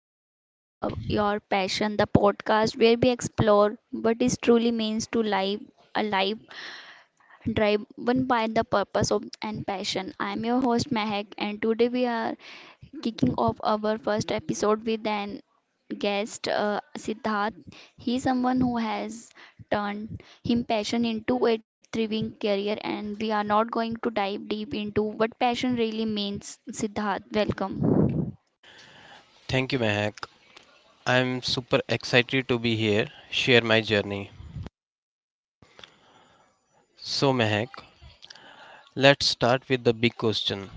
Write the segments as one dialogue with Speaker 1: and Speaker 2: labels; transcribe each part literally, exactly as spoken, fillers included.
Speaker 1: the Follow Up Your Passion, the podcast where we explore what it truly means to live a life driven by the purpose of and passion. I am your host Mehak, and today we are kicking off our first episode with an guest, uh, Siddharth. He is someone who has turned him passion into a thriving career, and we are not going to dive deep into what passion really means. Siddharth, welcome.
Speaker 2: Thank you, Mehak. I'm super excited to be here, share my journey. So, Mehak, let's start with the big question.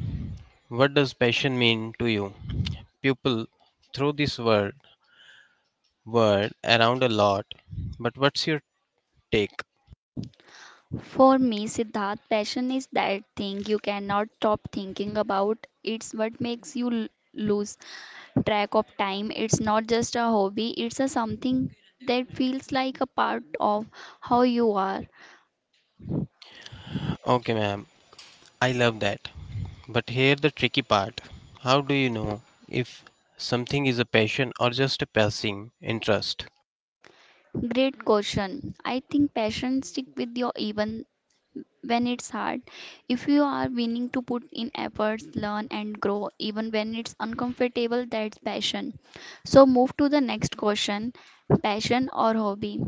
Speaker 2: What does passion mean to you? People throw this word word around a lot, but what's your take?
Speaker 1: For me, Siddharth, passion is that thing you cannot stop thinking about. It's what makes you l- lose track of time. It's not just a hobby, it's a something that feels like a part of how you are.
Speaker 2: Okay, ma'am, I love that. But here the tricky part. How do you know if something is a passion or just a passing interest?
Speaker 1: Great question. I think passion stick with you even when it's hard. If you are willing to put in efforts, learn and grow, even when it's uncomfortable, that's passion. So move to the next question, passion or hobby?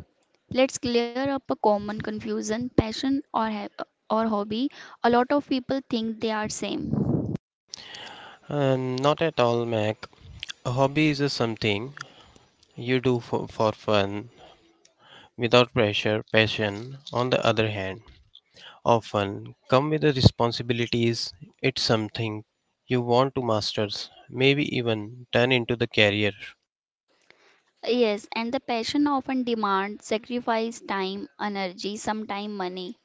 Speaker 1: Let's clear up a common confusion passion or, ha- or hobby. A lot of people think they are same.
Speaker 2: Um, not at all, Mac. A hobby is a something you do for, for fun, without pressure, passion, on the other hand, often come with the responsibilities. It's something you want to master, maybe even turn into the career.
Speaker 1: Yes, and the passion often demands sacrifice time, energy, sometime money.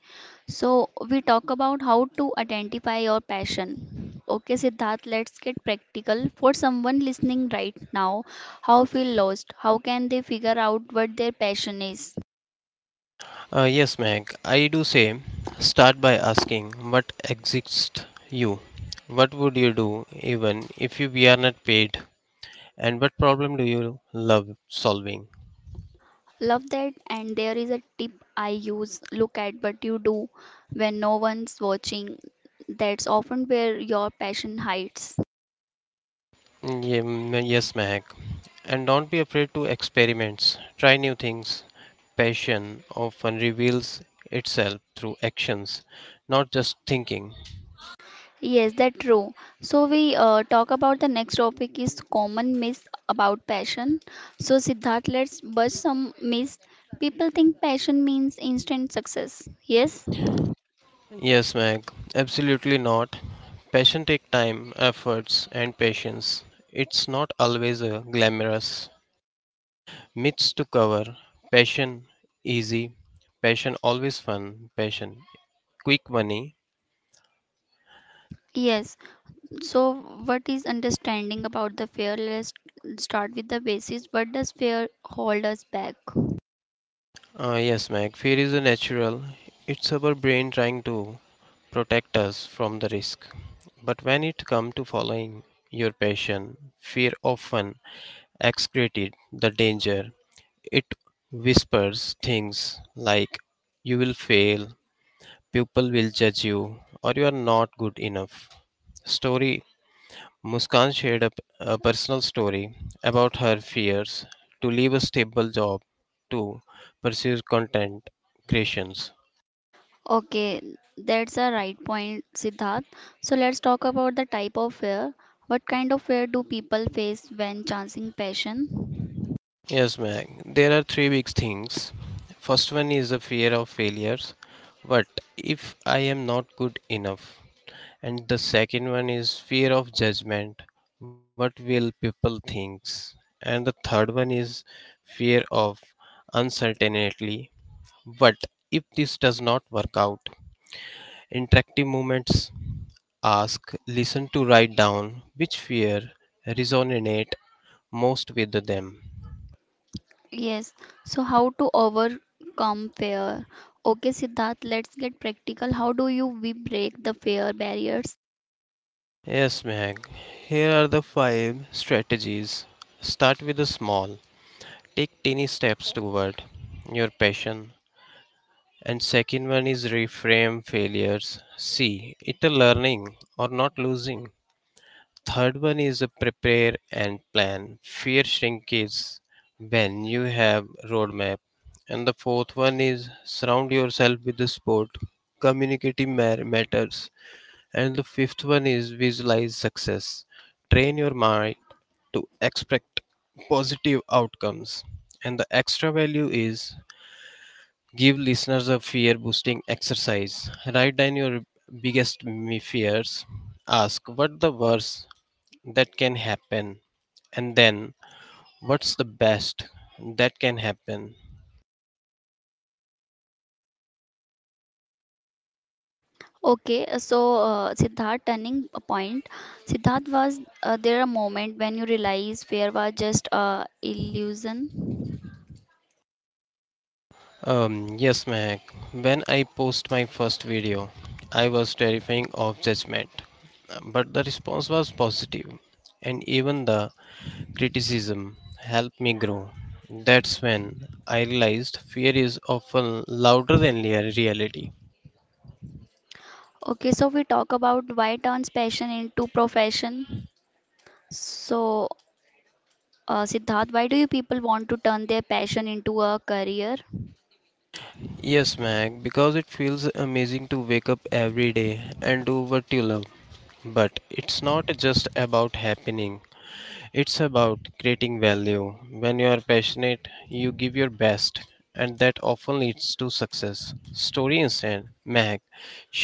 Speaker 1: So we talk about how to identify your passion. Okay, Siddharth, let's get practical. For someone listening right now, how feel lost? How can they figure out what their passion is?
Speaker 2: Uh, yes, Meg, I do say start by asking what exists you? What would you do even if you we are not paid? And what problem do you love solving?
Speaker 1: Love that. And there is a tip I use look at what you do when no one's watching. That's often where your passion hides.
Speaker 2: Yem- Yes, Mehak. And don't be afraid to experiments. Try new things. Passion often reveals itself through actions, not just thinking.
Speaker 1: Yes, that's true. So we uh, talk about the next topic is common myths about passion. So Siddharth, let's bust some myths. People think passion means instant success. Yes?
Speaker 2: Yes, Meg, absolutely not. Passion takes time, efforts, and patience. It's not always a glamorous myths to cover. Passion easy, passion always fun, passion quick money.
Speaker 1: Yes. So what is understanding about the fear? Let's start with the basis. What does fear hold us back?
Speaker 2: Uh, yes, Mac, fear is a natural. It's our brain trying to protect us from the risk. But when it comes to following your passion, fear often excreted the danger. It whispers things like you will fail, people will judge you, or you are not good enough. Story Muskan shared a a personal story about her fears to leave a stable job to pursue content creations.
Speaker 1: Okay, that's a right point, Siddharth. So let's talk about the type of fear. What kind of fear do people face when chancing passion?
Speaker 2: Yes, Meg, there are three big things. First one is the fear of failures. What if I am not good enough? And the second one is fear of judgment. What will people think? And the third one is fear of uncertainty. What if this does not work out? Interactive movements ask listen to write down which fear resonate most with them.
Speaker 1: Yes, so how to overcome fear? Okay, Siddharth, let's get practical. How do you we break the fear barriers?
Speaker 2: Yes, Meg. Here are the five strategies. Start with the small. Take tiny steps toward your passion. And second one is reframe failures. See, it a learning or not losing. Third one is a prepare and plan. Fear shrinks when you have roadmap. And the fourth one is surround yourself with the sport. Communicating ma- matters. And the fifth one is visualize success. Train your mind to expect positive outcomes. And the extra value is give listeners a fear boosting exercise. Write down your biggest me- fears. Ask what the worst that can happen and then what's the best that can happen.
Speaker 1: Okay, uh, so uh, Siddharth, turning a point. Siddharth, was uh, there a moment when you realized fear was just a illusion?
Speaker 2: Um yes, Mac, when I post my first video, I was terrifying of judgment, but the response was positive, and even the criticism helped me grow. That's when I realized fear is often louder than rea- reality.
Speaker 1: Okay, so we talk about why turns passion into profession. So, uh, Siddharth, why do you people want to turn their passion into a career?
Speaker 2: Yes, Mac, because it feels amazing to wake up every day and do what you love. But it's not just about happening, it's about creating value. When you are passionate, you give your best, and that often leads to success. Story instant Meg,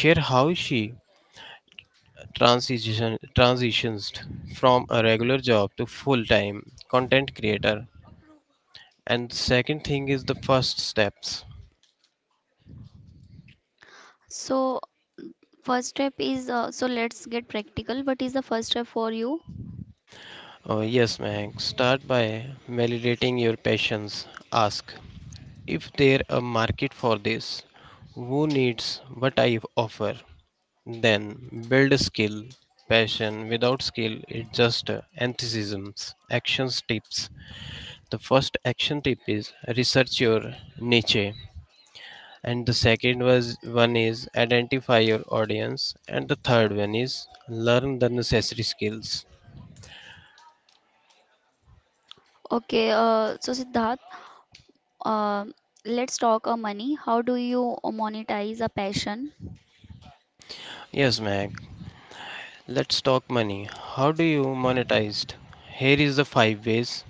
Speaker 2: share how she transition, transitions from a regular job to full time content creator. And the second thing is the first steps.
Speaker 1: So, first step is uh, so let's get practical. What is the first step for you?
Speaker 2: Oh, yes, Meg, start by validating your passions. Ask, if there a market for this, who needs what I offer? Then build a skill, passion. Without skill, it's just uh, enthusiasms. Actions tips. The first action tip is research your niche, and the second was one is identify your audience, and the third one is learn the necessary skills.
Speaker 1: Okay, uh, so Siddharth, uh, let's talk uh, money. How do you monetize a passion?
Speaker 2: Yes, Mac. Let's talk money. How do you monetize? Here is the five ways.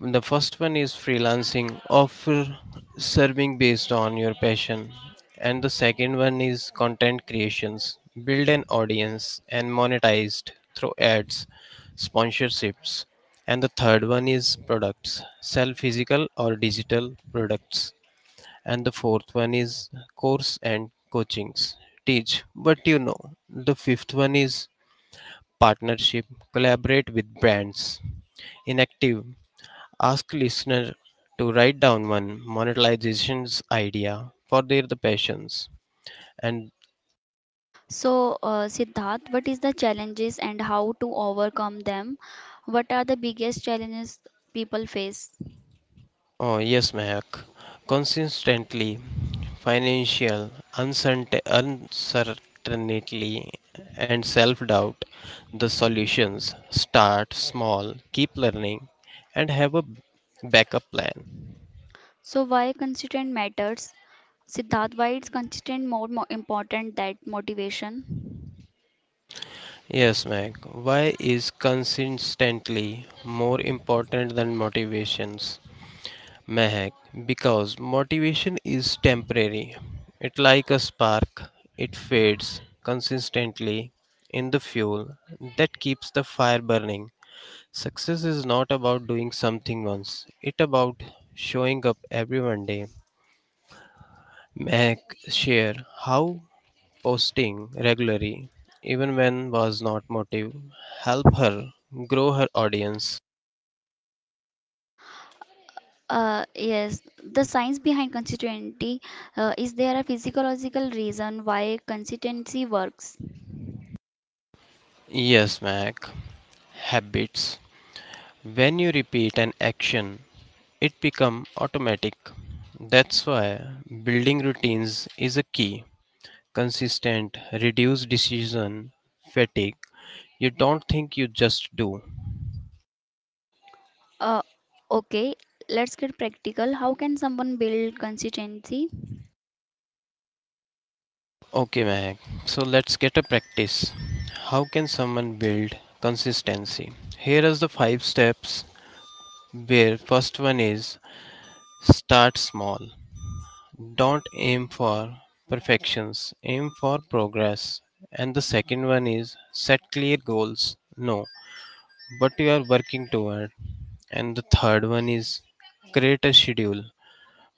Speaker 2: The first one is freelancing, offer serving based on your passion. And the second one is content creations, build an audience and monetized through ads, sponsorships. And the third one is products, sell physical or digital products. And the fourth one is course and coachings, teach what you know. The fifth one is partnership, collaborate with brands, inactive. Ask listener to write down one monetization's idea for their the passions and
Speaker 1: So, uh, Siddharth, what is the challenges and how to overcome them? What are the biggest challenges people face?
Speaker 2: oh yes, Mahak, consistently, financial uncertain- uncertainty, and self-doubt. The solutions start small, keep learning, and have a backup plan.
Speaker 1: So why consistent matters? Siddharth, why is consistent more, more important than motivation?
Speaker 2: Yes, Mahak, why is consistently more important than motivations, Mehak, because motivation is temporary. It like a spark, it fades. Consistently in the fuel that keeps the fire burning. Success is not about doing something once, it about showing up every one day. Mehak share how posting regularly, even when was not motive, help her grow her audience.
Speaker 1: Uh, yes, the science behind consistency uh, is there a physiological reason why consistency works?
Speaker 2: Yes, Mac. Habits. When you repeat an action it become automatic. That's why building routines is a key. Consistent, reduce decision fatigue. You don't think you just do.
Speaker 1: Uh, okay, let's get practical. How can someone build consistency?
Speaker 2: Okay, Mahak. So let's get a practice. How can someone build consistency? Here are the five steps where first one is start small. Don't aim for perfections, aim for progress. And the second one is set clear goals. No, what you are working toward. And the third one is create a schedule,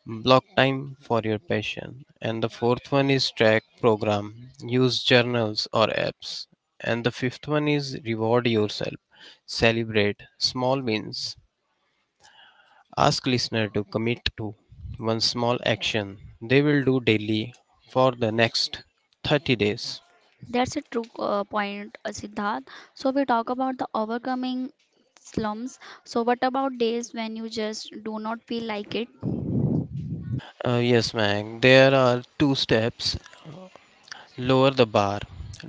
Speaker 2: block time for your passion. And the fourth one is track program, use journals or apps. And the fifth one is reward yourself, celebrate small wins. Ask listener to commit to one small action they will do daily for the next thirty days.
Speaker 1: That's a true uh, point, uh, Siddharth. So we talk about the overcoming slumps. So what about days when you just do not feel like it?
Speaker 2: Uh, yes, Mac. There are two steps. Lower the bar.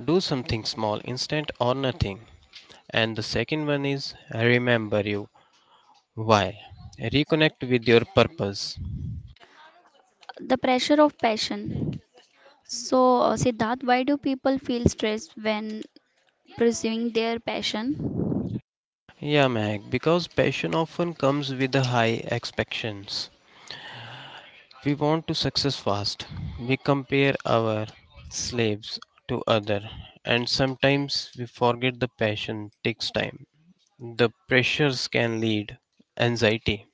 Speaker 2: Do something small, instant or nothing. And the second one is remember you. Why? Reconnect with your purpose.
Speaker 1: The pressure of passion. So, uh, Siddharth, why do people feel stressed when pursuing their passion?
Speaker 2: Yeah, Meg, because passion often comes with the high expectations. We want to success fast. We compare our slaves to other and sometimes we forget the passion takes time. The pressures can lead anxiety.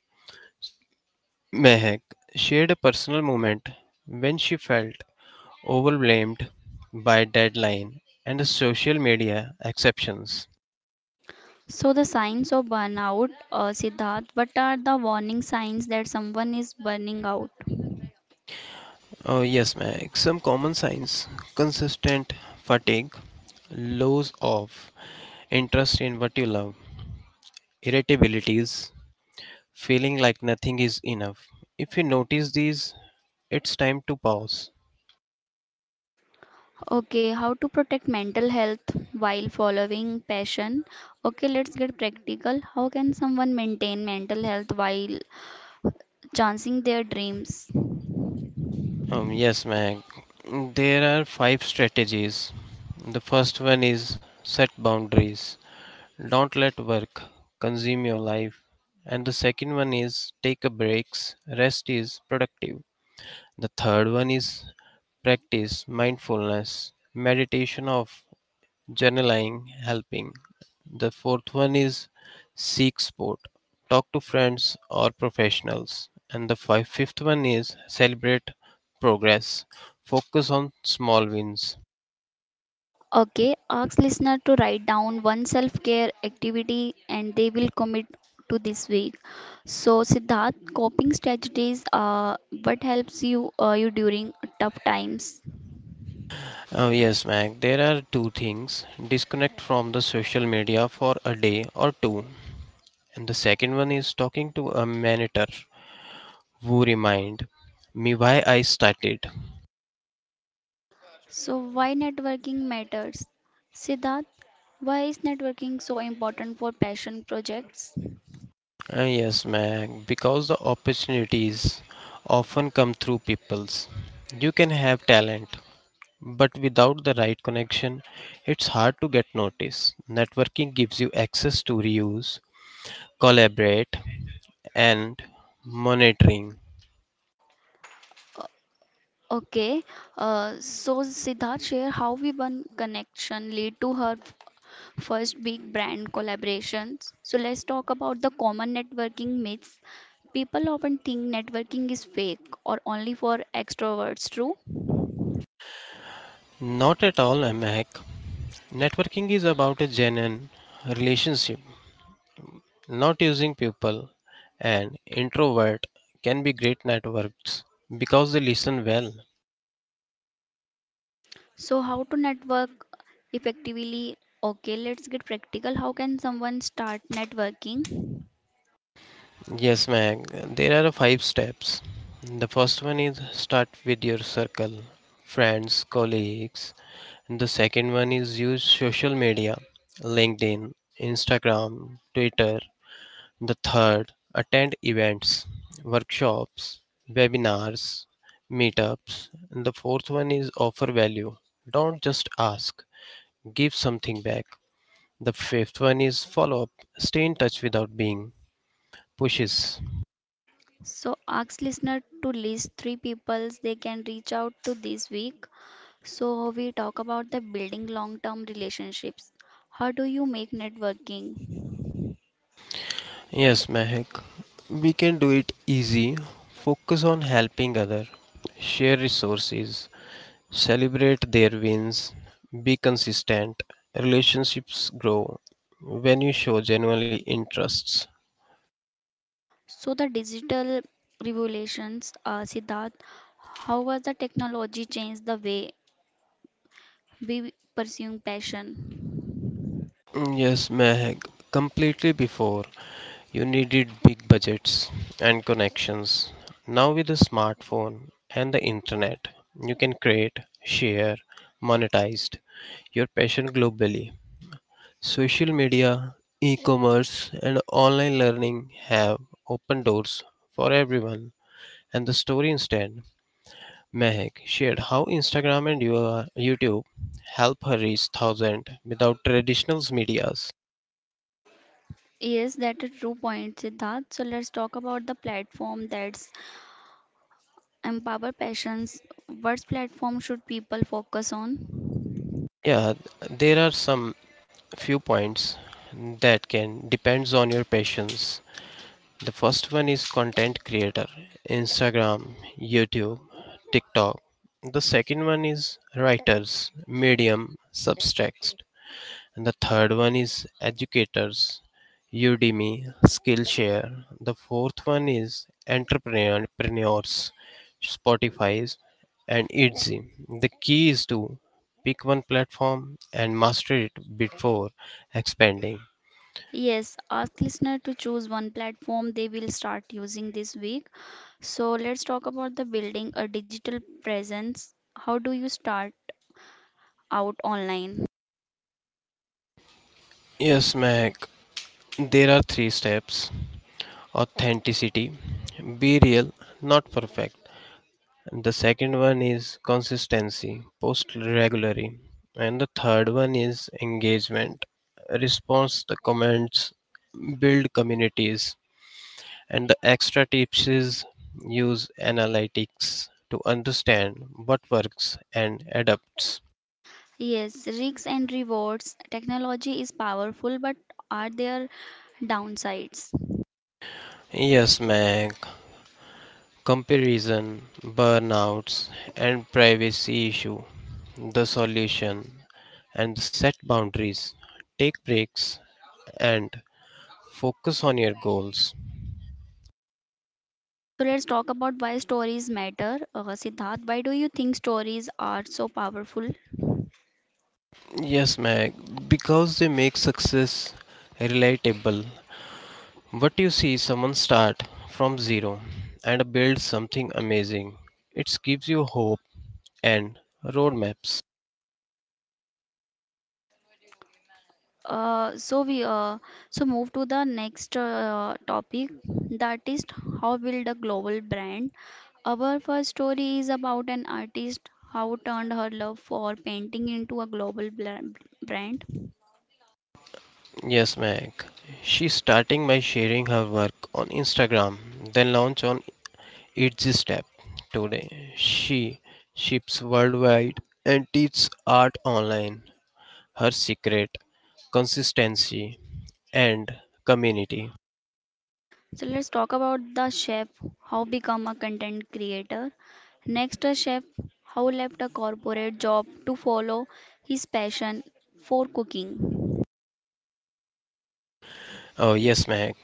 Speaker 2: Mehak shared a personal moment when she felt overwhelmed by deadline and social media exceptions.
Speaker 1: So, the signs of burnout, uh, Siddharth, what are the warning signs that someone is burning out?
Speaker 2: Oh, yes, Mac. Some common signs: consistent fatigue, loss of interest in what you love, irritabilities, feeling like nothing is enough. If you notice these, it's time to pause.
Speaker 1: Okay, how to protect mental health while following passion? Okay, let's get practical. How can someone maintain mental health while chancing their dreams?
Speaker 2: Um, yes, Mac. There are five strategies. The first one is set boundaries. Don't let work consume your life. And the second one is take a breaks. Rest is productive. The third one is practice mindfulness, meditation of journaling, helping. The fourth one is seek support. Talk to friends or professionals. And the fi- fifth one is celebrate progress. Focus on small wins.
Speaker 1: Okay, ask listener to write down one self-care activity and they will commit to this week. So Siddharth, coping strategies are what helps you uh, you during tough times.
Speaker 2: Oh, yes, Mac. There are two things: disconnect from the social media for a day or two. And the second one is talking to a manager who remind me why I started.
Speaker 1: So why networking matters? Siddharth, why is networking so important for passion projects?
Speaker 2: Ah, yes, Mac. Because the opportunities often come through people's. You can have talent, but without the right connection, it's hard to get noticed. Networking gives you access to reuse, collaborate, and monitoring.
Speaker 1: Okay, uh, so Siddharth, share how V one connection lead to her first big brand collaborations. So let's talk about the common networking myths. People often think networking is fake or only for extroverts, true?
Speaker 2: Not at all, Mac. Networking is about a genuine relationship, not using people. An introvert can be great networks because they listen well.
Speaker 1: So, how to network effectively? Okay, let's get practical. How can someone start networking?
Speaker 2: Yes, Meg, there are five steps. The first one is start with your circle, friends, colleagues. The second one is use social media, LinkedIn, Instagram, Twitter. The third, attend events, workshops, webinars, meetups. And the fourth one is offer value. Don't just ask, give something back. The fifth one is follow up, stay in touch without being pushes.
Speaker 1: So, ask listener to list three peoples they can reach out to this week. So, we talk about the building long term relationships. How do you make networking?
Speaker 2: Yes, Mehak, we can do it easy. Focus on helping other, share resources, celebrate their wins, be consistent. Relationships grow when you show genuine interests.
Speaker 1: So, the digital revolutions, uh, Siddharth, how has the technology changed the way be pursuing passion.
Speaker 2: Mm, yes, Meg, completely. Before you needed big budgets and connections. Now, with the smartphone and the internet, you can create, share, monetize your passion globally. Social media, e commerce, and online learning have opened doors for everyone. And the story instead, Mehak shared how Instagram and your- YouTube help her reach thousands without traditional media.
Speaker 1: Yes, that's a true point, Siddharth. So let's talk about the platform that's empower passions. What platform should people focus on?
Speaker 2: Yeah, there are some few points that can depends on your patience. The first one is content creator, Instagram, YouTube, TikTok. The second one is writers, Medium, Substack. And the third one is educators, Udemy, Skillshare. The fourth one is entrepreneurs, Spotify, and Etsy. The key is to pick one platform and master it before expanding.
Speaker 1: Yes, ask listener to choose one platform they will start using this week. So let's talk about the building a digital presence. How do you start out online?
Speaker 2: Yes, Mac, there are three steps: authenticity, be real, not perfect. And the second one is consistency, post regularly. And the third one is engagement, response the comments, build communities. And the extra tips is use analytics to understand what works and adapts.
Speaker 1: Yes, risks and rewards. Technology is powerful, but are there downsides?
Speaker 2: Yes, Meg. Comparison, burnouts, and privacy issue. The solution and set boundaries. Take breaks and focus on your goals.
Speaker 1: So let's talk about why stories matter. Uh, Siddharth, why do you think stories are so powerful?
Speaker 2: Yes, Meg, because they make success relatable. What you see someone start from zero and build something amazing. It gives you hope and roadmaps.
Speaker 1: Uh, so we uh, so move to the next uh, topic that is how build a global brand. Our first story is about an artist how turned her love for painting into a global bla- brand.
Speaker 2: Yes, Meg. She's starting by sharing her work on Instagram, then launch on It's a Step. Today, she ships worldwide and teaches art online. Her secret, consistency, and community.
Speaker 1: So let's talk about the chef how become a content creator. Next, a chef how left a corporate job to follow his passion for cooking.
Speaker 2: Oh yes, Mehak.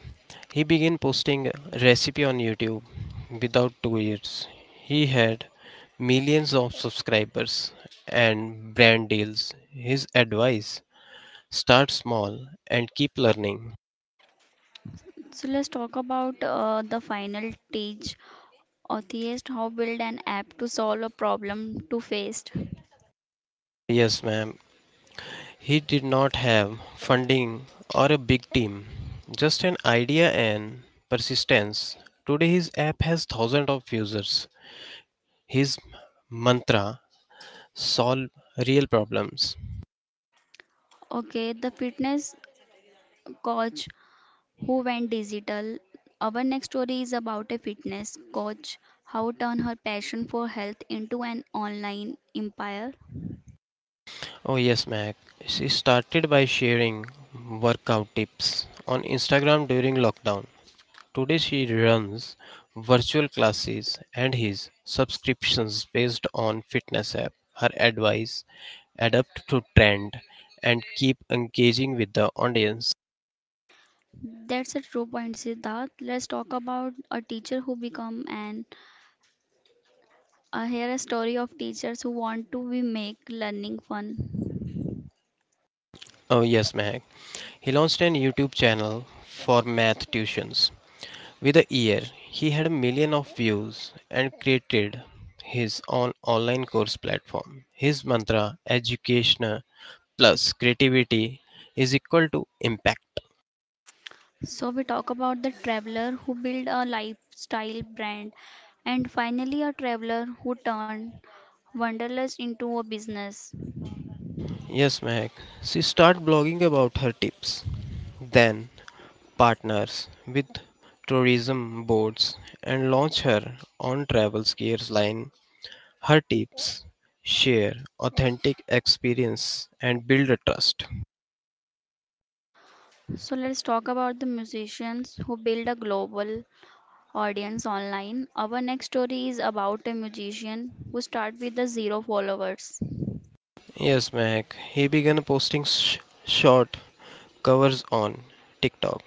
Speaker 2: He began posting recipe on YouTube. Without two years, he had millions of subscribers and brand deals. His advice: start small and keep learning.
Speaker 1: So let's talk about uh, the final stage, Atheist, how build an app to solve a problem to faced.
Speaker 2: Yes, ma'am. He did not have funding or a big team, just an idea and persistence. Today, his app has thousands of users. His mantra: solve real problems.
Speaker 1: Okay, the fitness coach who went digital. Our next story is about a fitness coach how turn her passion for health into an online empire.
Speaker 2: Oh, yes, Mac. She started by sharing workout tips on Instagram during lockdown. Today, she runs virtual classes and his subscriptions based on fitness app. Her advice adapt to trend and keep engaging with the audience.
Speaker 1: That's a true point, Siddharth. Let's talk about a teacher who become an. Uh, here a story of teachers who want to be make learning fun.
Speaker 2: Oh, yes, Mac. He launched an YouTube channel for math tuitions. With a year, he had a million of views and created his own online course platform. His mantra, education plus creativity, is equal to impact.
Speaker 1: So we talk about the traveler who built a lifestyle brand and finally a traveler who turned wanderlust into a business.
Speaker 2: Yes, Mehak. She started blogging about her tips, then partners with tourism boards and launch her on travel skiers line. Her tips share authentic experience and build a trust.
Speaker 1: So let's talk about the musicians who build a global audience online. Our next story is about a musician who start with the zero followers.
Speaker 2: Yes, Mehak. He began posting sh- short covers on TikTok.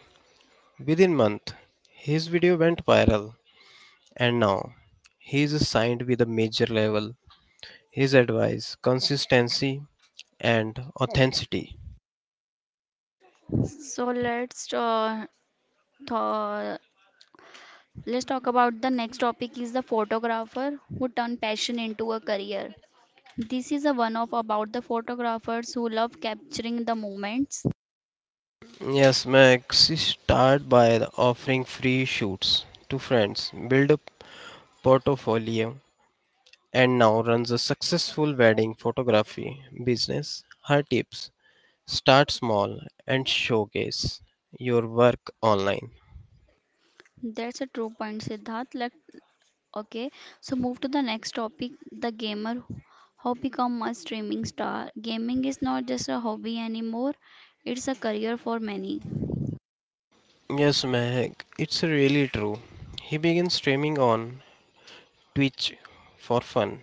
Speaker 2: Within month, his video went viral, and now he is signed with a major label. His advice, consistency, and authenticity.
Speaker 1: So let's uh, tho- let's talk about the next topic is the photographer who turned passion into a career. This is a one off about the photographers who love capturing the moments.
Speaker 2: Yes, Max, start by the offering free shoots to friends, build a portfolio, and now runs a successful wedding photography business. Her tips start small and showcase your work online.
Speaker 1: That's a true point, Siddharth. Like, okay, so move to the next topic the gamer who become a streaming star. Gaming is not just a hobby anymore, it's a career for many.
Speaker 2: Yes, Mehak, it's really true. He began streaming on Twitch for fun.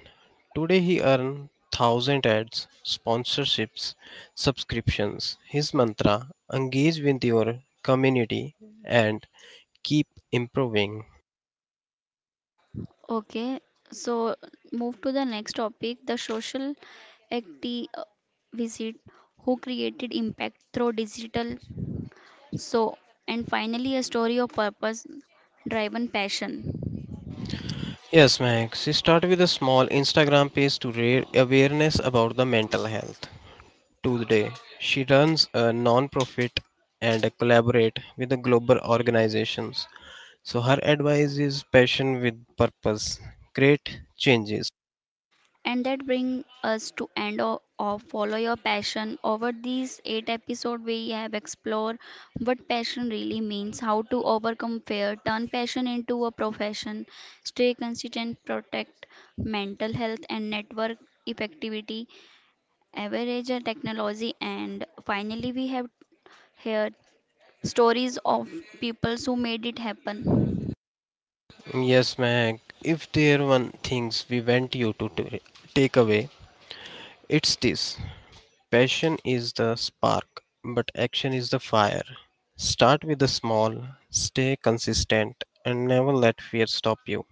Speaker 2: Today he earned one thousand ads, sponsorships, subscriptions. His mantra engage with your community and keep improving.
Speaker 1: Okay, so move to the next topic the social activist who created impact through digital. So, and finally, a story of purpose driven passion.
Speaker 2: Yes, Max, start with a small Instagram page to raise awareness about the mental health. Today, she runs a non-profit and collaborate with the global organizations. So her advice is passion with purpose. Great changes.
Speaker 1: And that brings us to end of, of Follow Your Passion. Over these eight episodes, we have explored what passion really means, how to overcome fear, turn passion into a profession, stay consistent, protect mental health, and network effectivity, average and technology, and finally, we have here stories of people who made it happen.
Speaker 2: Yes, Meg. If there one things we want you to t- take away, it's this. Passion is the spark, but action is the fire. Start with the small, stay consistent, and never let fear stop you.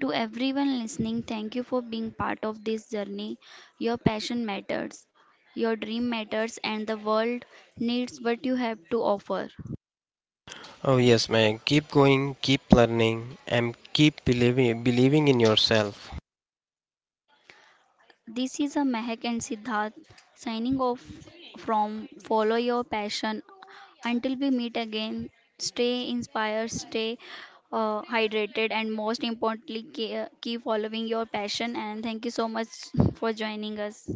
Speaker 1: To everyone listening, thank you for being part of this journey. Your passion matters, your dream matters, and the world needs what you have to offer.
Speaker 2: Oh yes, man. Keep going, keep learning, and keep believing believing in yourself.
Speaker 1: This is a Mehak and Siddharth signing off from Follow Your Passion. Until we meet again, stay inspired, stay uh, hydrated, and most importantly, ke- keep following your passion. And thank you so much for joining us.